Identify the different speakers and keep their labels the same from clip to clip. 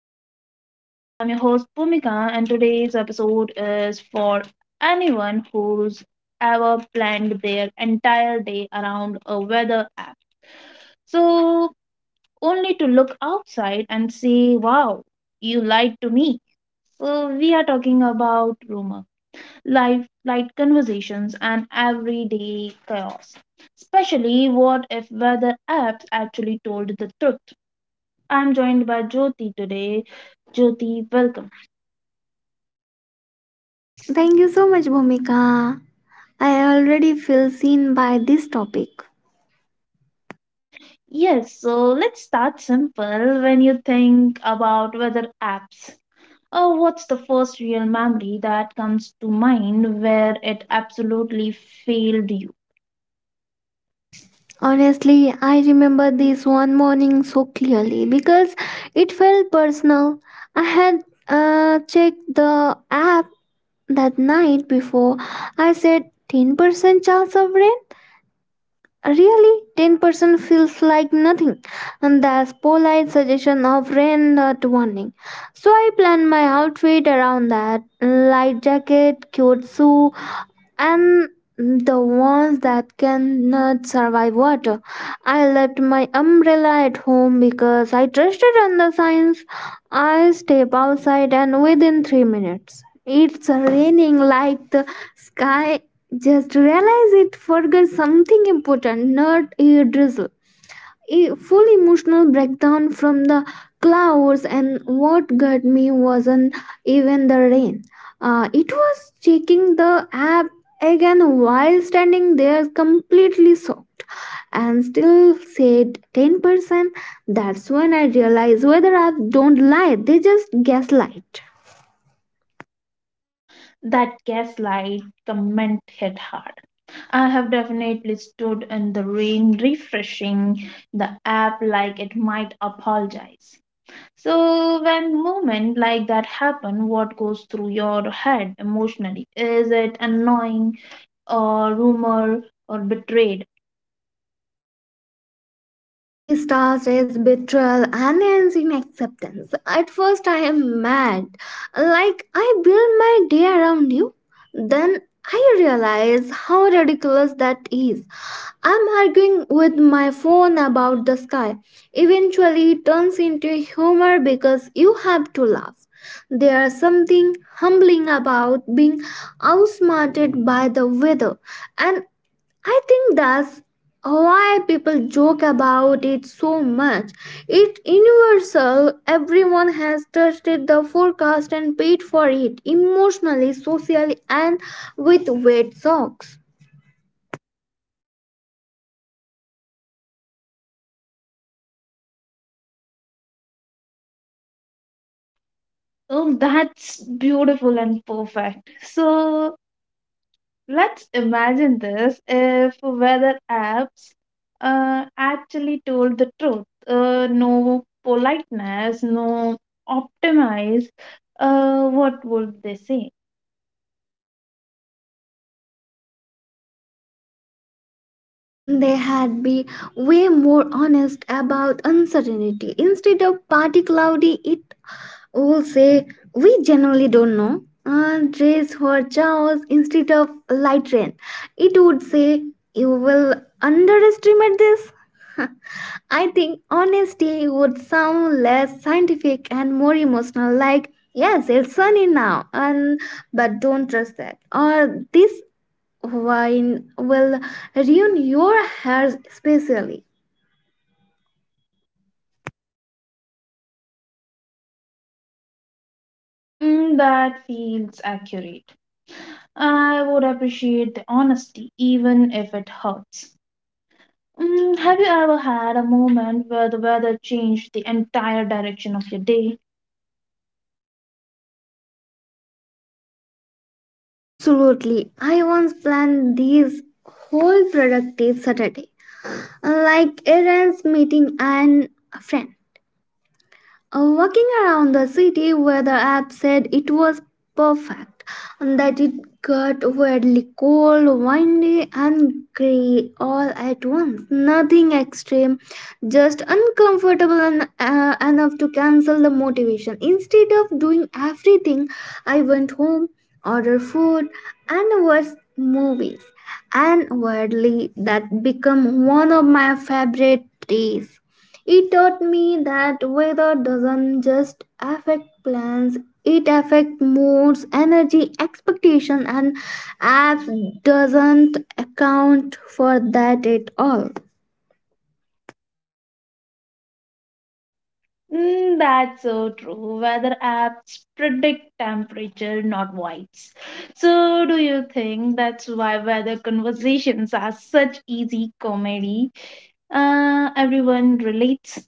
Speaker 1: Sparkle of Life. I'm your host, Pumika, and today's episode is for anyone who's ever planned their entire day around a weather app. So, Only to look outside and say, wow, you lied to me. So, we are talking about rumor, life, light conversations, and everyday chaos. Especially, what if weather apps actually told the truth? I'm joined by Jyoti today. Jyoti, welcome.
Speaker 2: Thank you so much, Bhumika. I already feel seen by this topic.
Speaker 1: Yes, so let's start simple. When you think about weather apps, oh, what's the first real memory that comes to mind where it absolutely failed you?
Speaker 2: Honestly, I remember this one morning so clearly because it felt personal. I had checked the app that night before. I said 10% chance of rain. Really, 10% feels like nothing, and that's polite suggestion of rain, not warning. So I planned my outfit around that: light jacket, cute shoe, and the ones that cannot survive water. I left my umbrella at home because I trusted on the signs. I step outside and within 3 minutes, it's raining like the sky. Just realize it forgot something important, not a drizzle a full emotional breakdown from the clouds, and what got me wasn't even the rain. It was checking the app again while standing there completely soaked and still said 10%. That's when I realized whether I don't lie, they just gaslight.
Speaker 1: That gaslight comment hit hard. I have definitely stood in the rain refreshing the app like it might apologize. So when moment like that happen, what goes through your head emotionally? Is it annoying or rumor or betrayed?
Speaker 2: He stars his betrayal and ends in acceptance. At first, I am mad, like I build my day around you. Then I realize how ridiculous that is. I'm arguing with my phone about the sky. Eventually, it turns into humor because you have to laugh. There's something humbling about being outsmarted by the weather, and I think that's why people joke about it so much. It's universal, everyone has trusted the forecast and paid for it emotionally, socially, and with wet socks.
Speaker 1: Oh, that's beautiful and perfect. So let's imagine this if weather apps actually told the truth. No politeness, no optimize. What would they say?
Speaker 2: They had be way more honest about uncertainty. Instead of party cloudy, it will say we generally don't know, and dress for chaos instead of light rain. It would say you will underestimate this. I think honesty would sound less scientific and more emotional, like, yes, it's sunny now, and but don't trust that. Or this wine will ruin your hair especially.
Speaker 1: That feels accurate. I would appreciate the honesty, even if it hurts. Mm, have you ever had a moment where the weather changed the entire direction of your day?
Speaker 2: Absolutely. I once planned this whole productive Saturday, like errands, meeting, and a friend. Walking around the city where the app said it was perfect, and that it got weirdly cold, windy, and grey all at once. Nothing extreme, just uncomfortable and enough to cancel the motivation. Instead of doing everything, I went home, ordered food, and watched movies. And weirdly, that became one of my favorite days. It taught me that weather doesn't just affect plans, it affects moods, energy, expectation, and apps doesn't account for that at all.
Speaker 1: That's so true. Weather apps predict temperature, not vibes. So, do you think that's why weather conversations are such easy comedy? Everyone relates.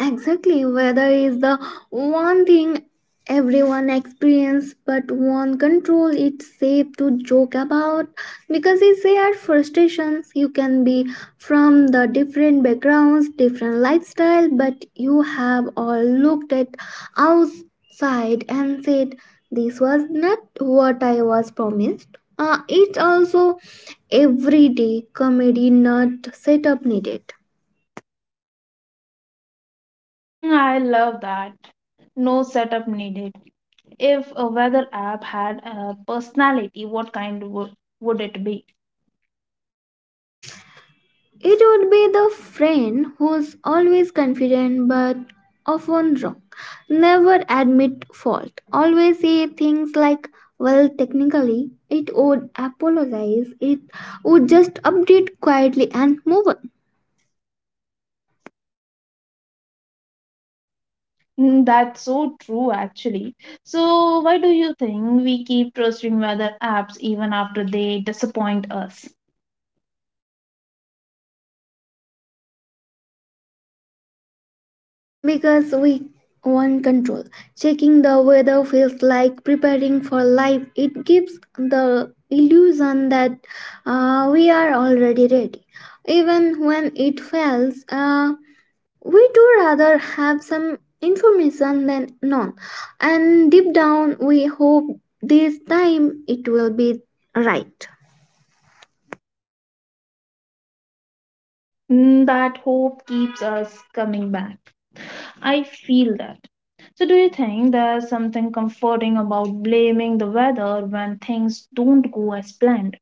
Speaker 2: Exactly, weather is the one thing everyone experience but one control. It's safe to joke about because it's shared frustrations. You can be from the different backgrounds, different lifestyle, but you have all looked at outside and said this was not what I was promised. It's also everyday comedy, not setup needed.
Speaker 1: Mm, I love that. No setup needed. If a weather app had a personality, would it be?
Speaker 2: It would be the friend who's always confident but often wrong, never admit fault, always say things like, well, technically, it would apologize, it would just update quietly and move on.
Speaker 1: Mm, that's so true, actually. So, why do you think we keep trusting weather apps even after they disappoint us?
Speaker 2: Because we want control. Checking the weather feels like preparing for life, it gives the illusion that we are already ready. Even when it fails, we do rather have some information than none, and deep down we hope this time it will be right.
Speaker 1: Mm, that hope keeps us coming back. I feel that. So, do you think there's something comforting about blaming the weather when things don't go as planned?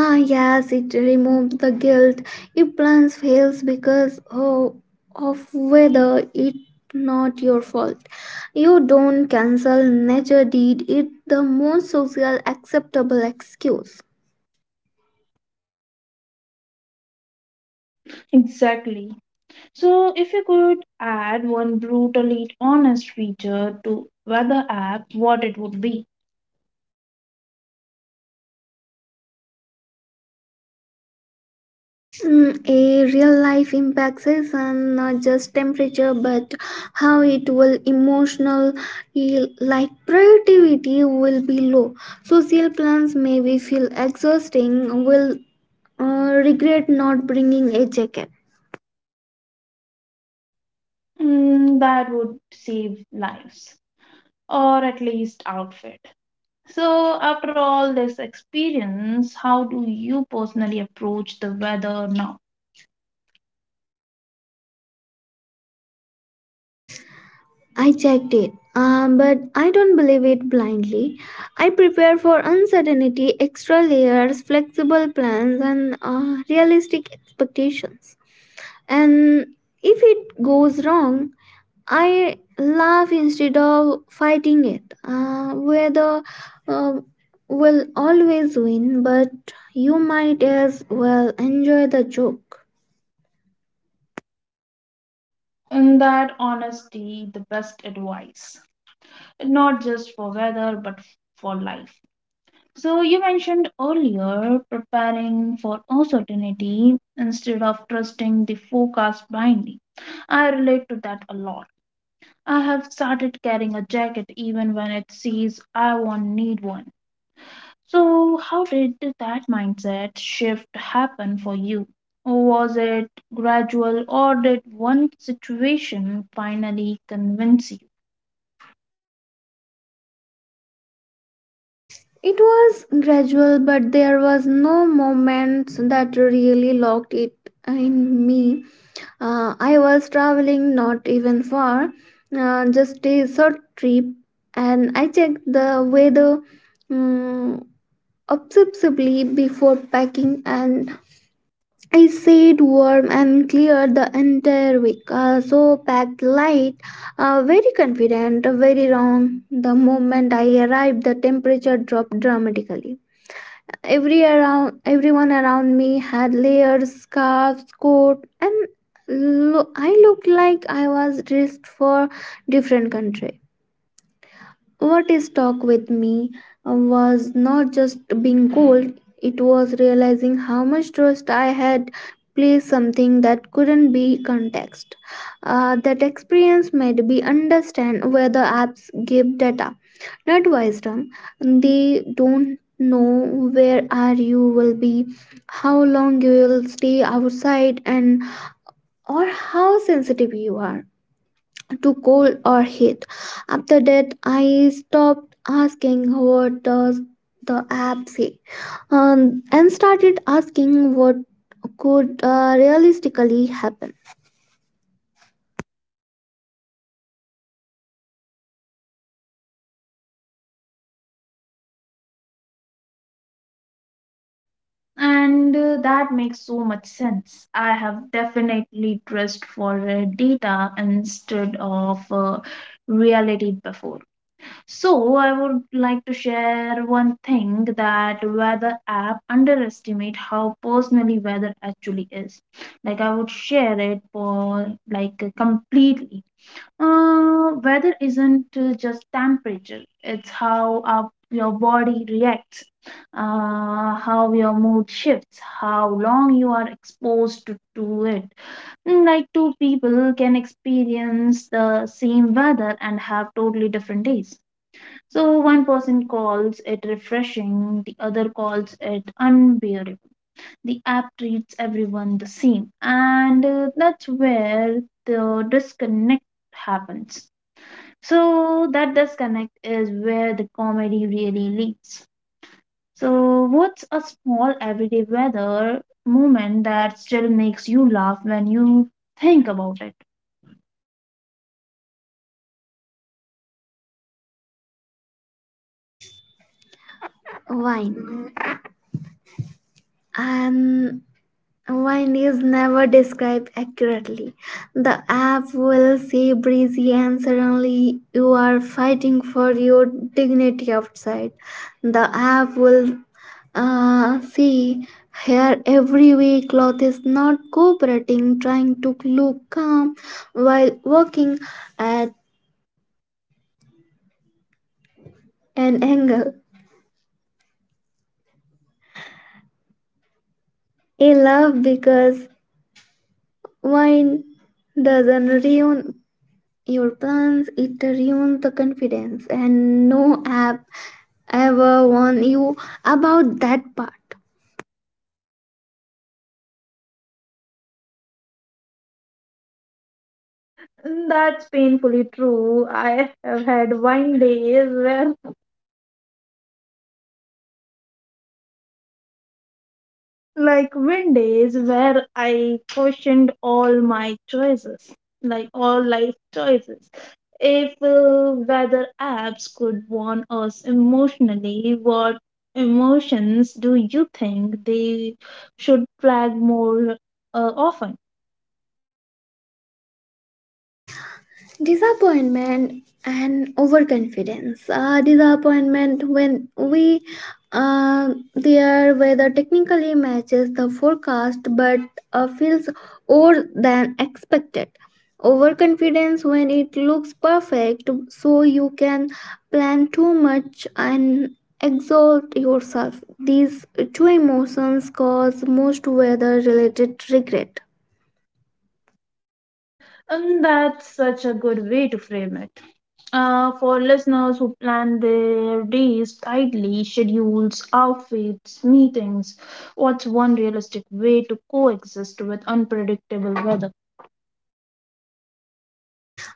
Speaker 2: Ah, yes, it removes the guilt. If plans fails because, oh, of whether, it not your fault. You don't cancel nature, deed it the most social acceptable excuse.
Speaker 1: Exactly. So, if you could add one brutally honest feature to weather app, what it would be?
Speaker 2: Mm, a real life impacts is not just temperature but how it will emotional. Eh, like productivity will be low, social plans may be feel exhausting, will regret not bringing a jacket.
Speaker 1: That would save lives, or at least outfit. So, after all this experience, how do you personally approach the weather now?
Speaker 2: I checked it, but I don't believe it blindly. I prepare for uncertainty, extra layers, flexible plans, and realistic expectations. And if it goes wrong, I laugh instead of fighting it. Weather uh, will always win, but you might as well enjoy the joke.
Speaker 1: In that honesty, the best advice, not just for weather but for life. So you mentioned earlier preparing for uncertainty instead of trusting the forecast blindly. I relate to that a lot. I have started carrying a jacket even when it says I won't need one. So how did that mindset shift happen for you? Was it gradual or did one situation finally convince you?
Speaker 2: It was gradual, but there was no moment that really locked it in me. I was traveling, not even far, just a short trip, and I checked the weather um, obsessively before packing, and I stayed warm and clear the entire week. So packed light, very confident, very wrong. The moment I arrived, the temperature dropped dramatically. Every around, everyone around me had layers, scarves, coat, and I looked like I was dressed for different country. What stuck with me was not just being cold, it was realizing how much trust I had placed something that couldn't be context. That experience made me understand where the apps give data, not wisdom. They don't know where are you will be, how long you will stay outside, and or how sensitive you are to cold or heat. After that, I stopped asking what does the app say, and started asking what could realistically happen.
Speaker 1: And that makes so much sense. I have definitely dressed for data instead of reality before. So, I would like to share one thing that weather app underestimate how personally weather actually is. Like I would share it for like completely. Weather isn't just temperature, it's how your body reacts, how your mood shifts, how long you are exposed to it. Like two people can experience the same weather and have totally different days. So one person calls it refreshing, the other calls it unbearable. The app treats everyone the same, and that's where the disconnect happens. So that disconnect is where the comedy really lives. So what's a small everyday weather moment that still makes you laugh when you think about it?
Speaker 2: Wine. And wine is never described accurately. The app will say breezy, and suddenly you are fighting for your dignity outside. The app will, ah, see, here every way cloth is not cooperating, trying to look calm while walking at an angle. I love because wine doesn't ruin your plans, it ruins the confidence, and no app ever warn you about that part.
Speaker 1: That's painfully true. I have had wine days where like wind days where I questioned all my choices, like all life choices. If weather apps could warn us emotionally, what emotions do you think they should flag more often?
Speaker 2: Disappointment and overconfidence. Disappointment when we, their weather technically matches the forecast but feels more than expected. Overconfidence when it looks perfect, so you can plan too much and exalt yourself. These two emotions cause most weather related regret.
Speaker 1: And that's such a good way to frame it. For listeners who plan their days tightly, schedules, outfits, meetings, what's one realistic way to coexist with unpredictable weather?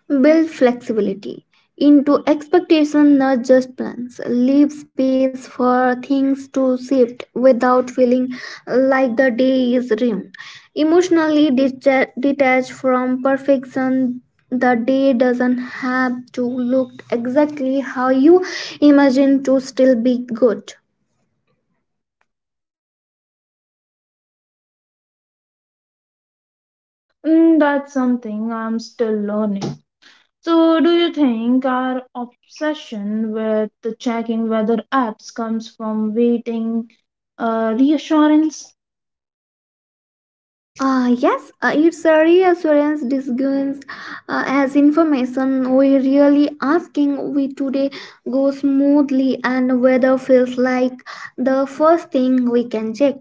Speaker 2: Build flexibility into expectation, not just plans. Leave space for things to shift without feeling like the day is ruined. Emotionally detached from perfection, the day doesn't have to look exactly how you imagine to still be good.
Speaker 1: That's something I'm still learning. So, do you think our obsession with the checking weather apps comes from waiting reassurance?
Speaker 2: Yes, it's a reassurance disguised as information. We really asking we today go smoothly, and weather feels like the first thing we can check.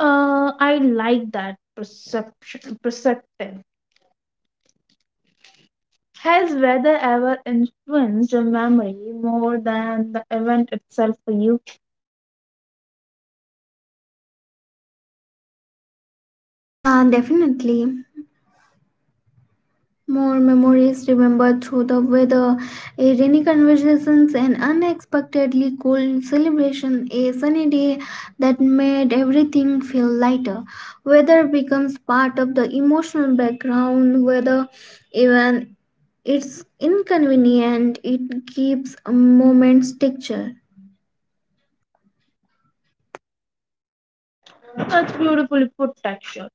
Speaker 1: I like that perceptive. Has weather ever influenced your memory more than the event itself for you?
Speaker 2: Definitely. More memories remembered through the weather, a rainy conversations, an unexpectedly cold celebration, a sunny day that made everything feel lighter. Weather becomes part of the emotional background, whether even it's inconvenient, it gives a moment's texture.
Speaker 1: That's beautifully put, texture.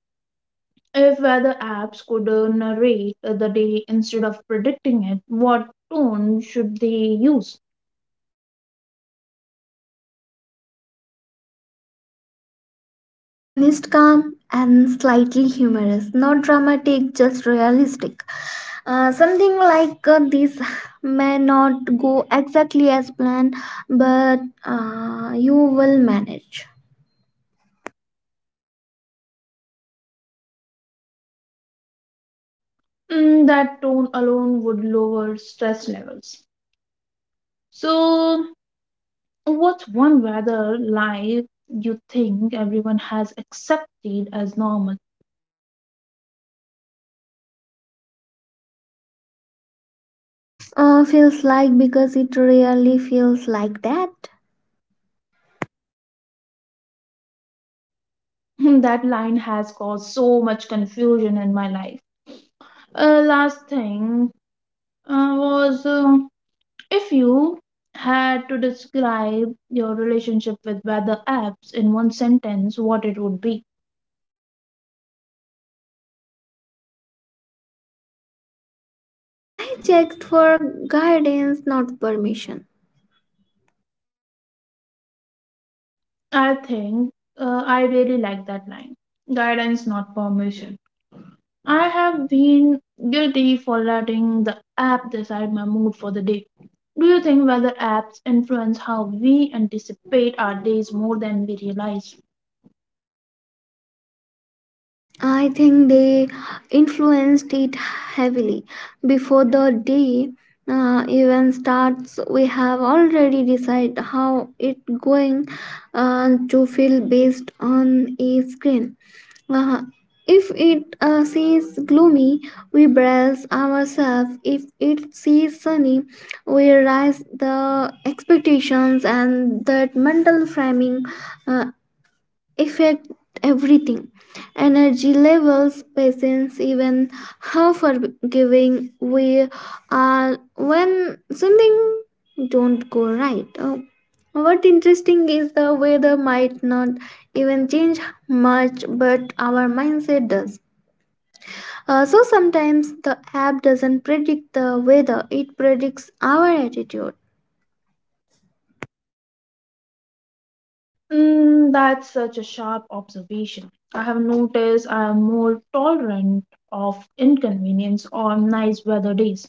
Speaker 1: If weather apps could narrate the day instead of predicting it, what tone should they use?
Speaker 2: Honest, calm, and slightly humorous. Not dramatic, just realistic. Something like, this may not go exactly as planned, but you will manage.
Speaker 1: That tone alone would lower stress levels. So, what's one weather life you think everyone has accepted as normal?
Speaker 2: Feels like because it really feels like that.
Speaker 1: That line has caused so much confusion in my life. Last thing was, if you had to describe your relationship with weather apps in one sentence, what it would be.
Speaker 2: Mm, I checked for guidance, not permission.
Speaker 1: I think I really like that line guidance, not permission. I have been guilty for letting the app decide my mood for the day. Do you think weather apps influence how we anticipate our days more than we realize?
Speaker 2: I think they influenced it heavily. Before the day even starts, we have already decided how it going to feel based on a screen. Uh, if it sees gloomy, we brace ourselves. If it sees sunny, we raise the expectations, and that mental framing uh, affect everything, energy levels, patience, even how forgiving we are when something don't go right. Oh, what interesting is the weather might not even change much, but our mindset does. So sometimes the app doesn't predict the weather, it predicts our attitude.
Speaker 1: That's such a sharp observation. I have noticed I am more tolerant of inconvenience on nice weather days.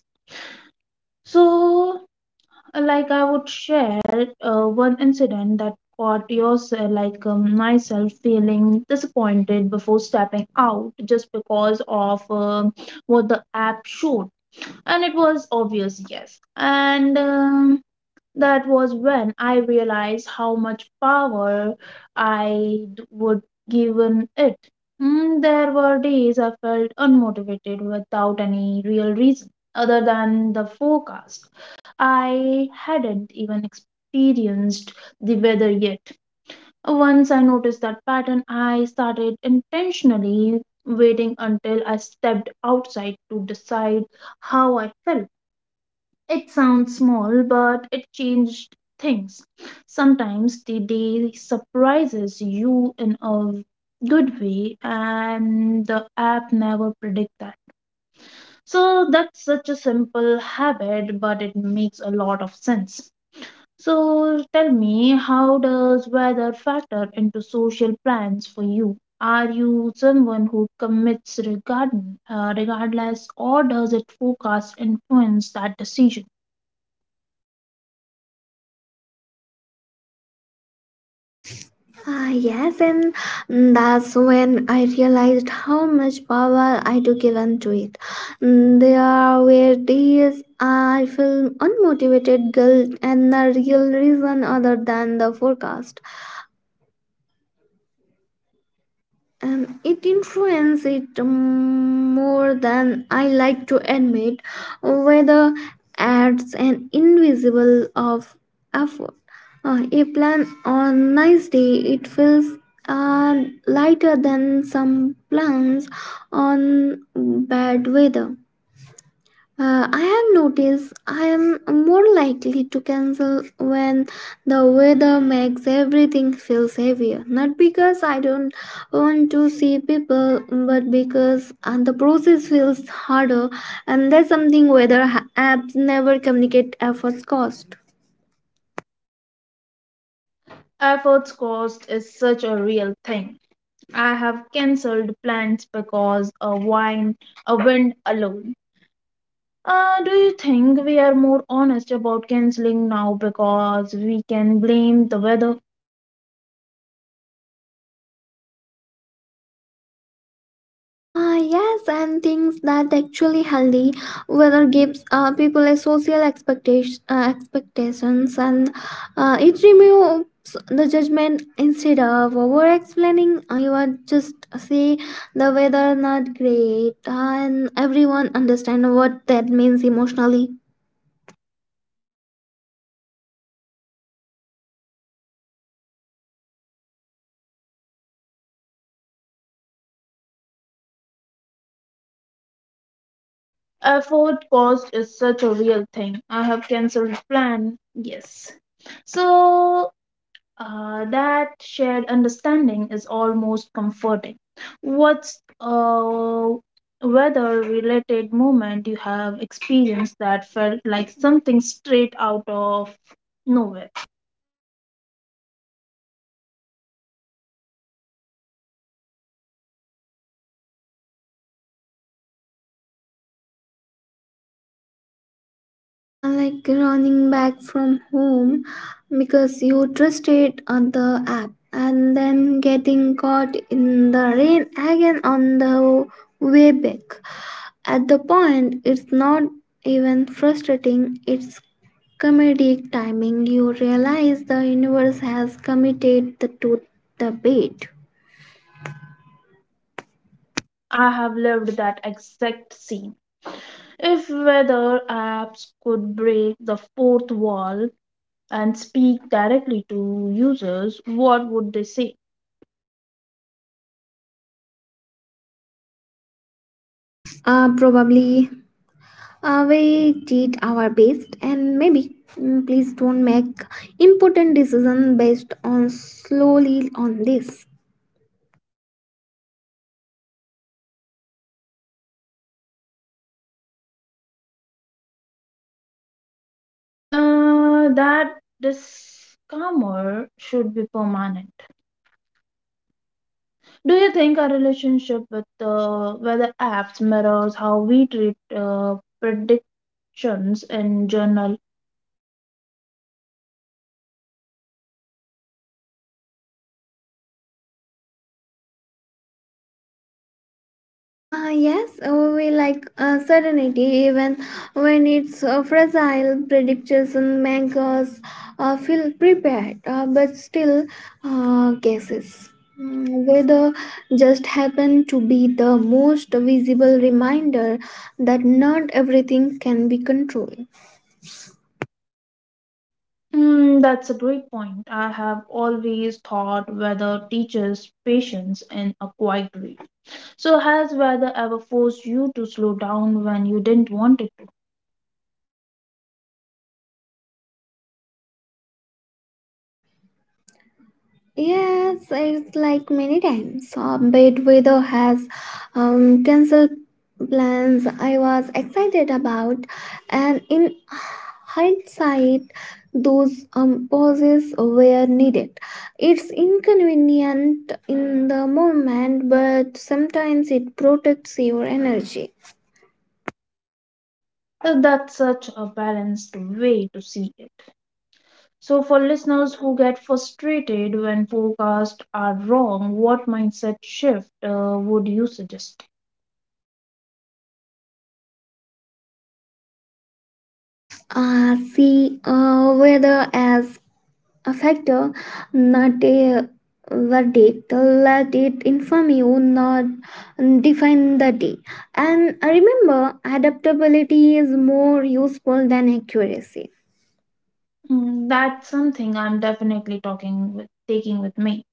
Speaker 1: So, like, I would share one incident that caught yourself, like myself, feeling disappointed before stepping out just because of what the app showed, and it was obvious, yes. And that was when I realized how much power I would given it. Mm, there were days I felt unmotivated without any real reason other than the forecast. I hadn't even experienced the weather yet. Once I noticed that pattern, I started intentionally waiting until I stepped outside to decide how I felt. It sounds small, but it changed things. Sometimes the day surprises you in a good way, and the app never predict that. So that's such a simple habit, but it makes a lot of sense. So tell me, how does weather factor into social plans for you? Are you someone who commits regardless, or does it forecast influence that decision?
Speaker 2: Ah, yes, and mm, that's when I realized how much power I do given to it. Mm, there were days I felt unmotivated guilt and the real reason other than the forecast. And it influences it, more than I like to admit, whether adds an invisible of effort. A plan on nice day it feels uh, lighter than some plans on bad weather. I have noticed I am more likely to cancel when the weather makes everything feel heavier. Not because I don't want to see people, but because the process feels harder, and that's something weather apps never communicate efforts cost.
Speaker 1: Efforts cost is such a real thing. I have cancelled plans because a wind alone. Do you think we are more honest about cancelling now because we can blame the weather?
Speaker 2: Ah, yes, and things that actually healthy weather gives people a social expectation, expectations, and it removes the judgment instead of over explaining. I would just say the weather not great, and everyone understand what that means emotionally.
Speaker 1: Effort cost is such a real thing. I have cancelled plan. Yes. So that shared understanding is almost comforting. What's whether related moment you have experienced that felt like something straight out of nowhere?
Speaker 2: Like running back from home because you trusted on the app and then getting caught in the rain again on the way back. At the point it's not even frustrating, it's comedic timing. You realize the universe has committed the to the bait.
Speaker 1: I have lived that exact scene. If weather apps could break the fourth wall and speak directly to users, what would they say?
Speaker 2: Probably we did our best, and maybe, mm, please don't make important decision based on slowly on this.
Speaker 1: That disclaimer should be permanent. Do you think our relationship with weather apps mirrors how we treat predictions in general.
Speaker 2: Yes, we like certainty even when it's fragile. Predictions, make us feel prepared, but still guesses. Mm, weather just happen to be the most visible reminder that not everything can be controlled.
Speaker 1: That's a great point. I have always thought weather teaches patience in a quiet way. So, has weather ever forced you to slow down when you didn't want it to?
Speaker 2: Yes, it's like many times. Bad weather has cancelled plans I was excited about, and in hindsight, those pauses were needed. It's inconvenient in the moment, but sometimes it protects your energy.
Speaker 1: That's such a balanced way to see it. So, for listeners who get frustrated when forecasts are wrong, what mindset shift would you suggest?
Speaker 2: See, weather as affect, not a verdict. Let it inform you, not define the day, and remember adaptability is more useful than accuracy.
Speaker 1: That's something I'm definitely taking with me.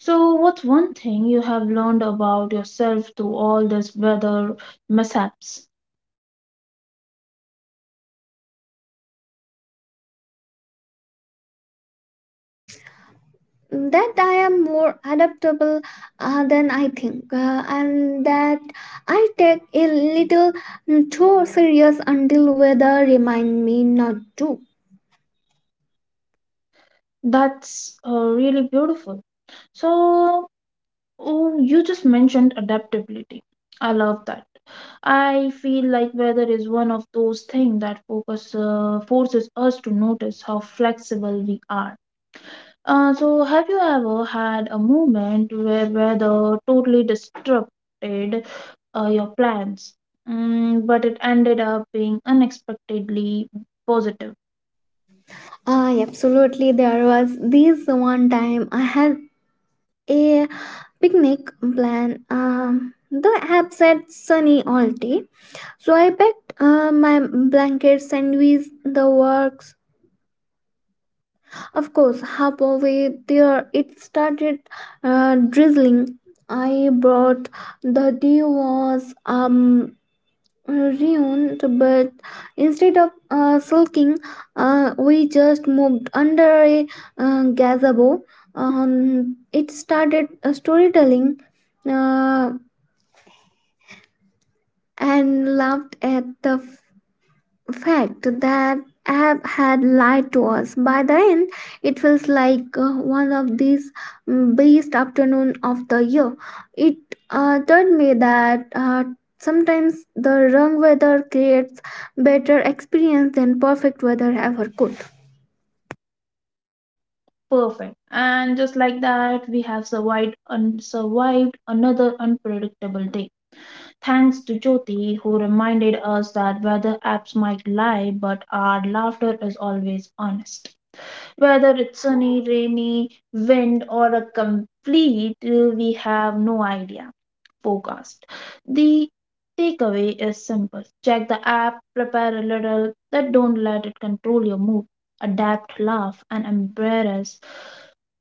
Speaker 1: So, what's one thing you have learned about yourself through all this weather mishaps?
Speaker 2: That I am more adaptable than I think, and that I take a little too serious until weather remind me not to.
Speaker 1: That's really beautiful. So, oh, you just mentioned adaptability. I love that. I feel like weather is one of those things that focus forces us to notice how flexible we are. So, have you ever had a moment where weather totally disrupted your plans, mm, but it ended up being unexpectedly positive?
Speaker 2: I absolutely there was this one time I had a picnic plan. The app said sunny all day, so I packed my blankets, sandwich, the works. Of course, halfway there, it started drizzling. I brought the day was ruined, but instead of sulking, we just moved under a gazebo. It started storytelling uh, and laughed at the fact that app had lied to us. By the end, it feels like one of these, mm, best afternoon of the year. It taught me that sometimes the wrong weather creates better experience than perfect weather ever could.
Speaker 1: Perfect, and just like that, we have survived another unpredictable day. Thanks to Jyoti, who reminded us that weather apps might lie, but our laughter is always honest. Whether it's sunny, rainy, wind, or a complete, we have no idea forecast. The takeaway is simple: check the app, prepare a little, but don't let it control your mood. Adapt, laugh, and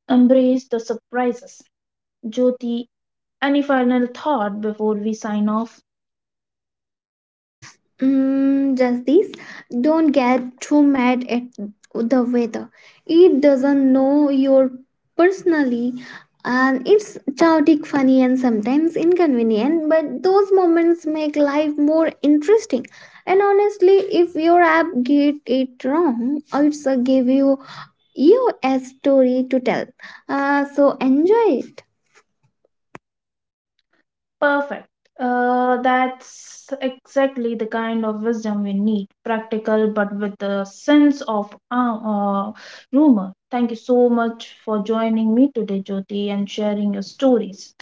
Speaker 1: embrace the surprises. Jyoti, any final thought before we sign off?
Speaker 2: Mm, just this. Don't get too mad at the weather. It doesn't know your personally, and it's chaotic, funny, and sometimes inconvenient. But those moments make life more interesting. And honestly, if your app get it wrong, it's a give you you a story to tell. So enjoy it.
Speaker 1: Perfect. That's exactly the kind of wisdom we need. Practical, but with a sense of rumor. Thank you so much for joining me today, Jyoti, and sharing your stories.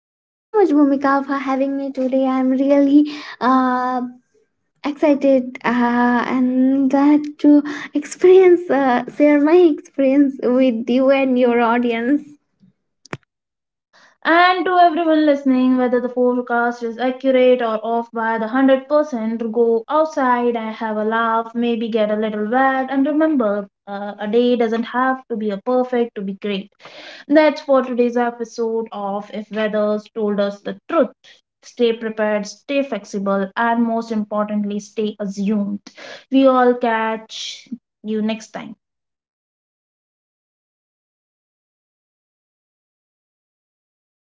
Speaker 2: Thank you so much, Bhumika, for having me today. I'm really uh, excited and that to experience share my experience with you and your audience.
Speaker 1: And to everyone listening, whether the forecast is accurate or off by the 100%, go outside and have a laugh, maybe get a little wet, and remember a day doesn't have to be a perfect to be great. That's for today's episode of If Weathers Told Us the Truth. Stay prepared, stay flexible, and most importantly, stay assumed. We all catch you next time.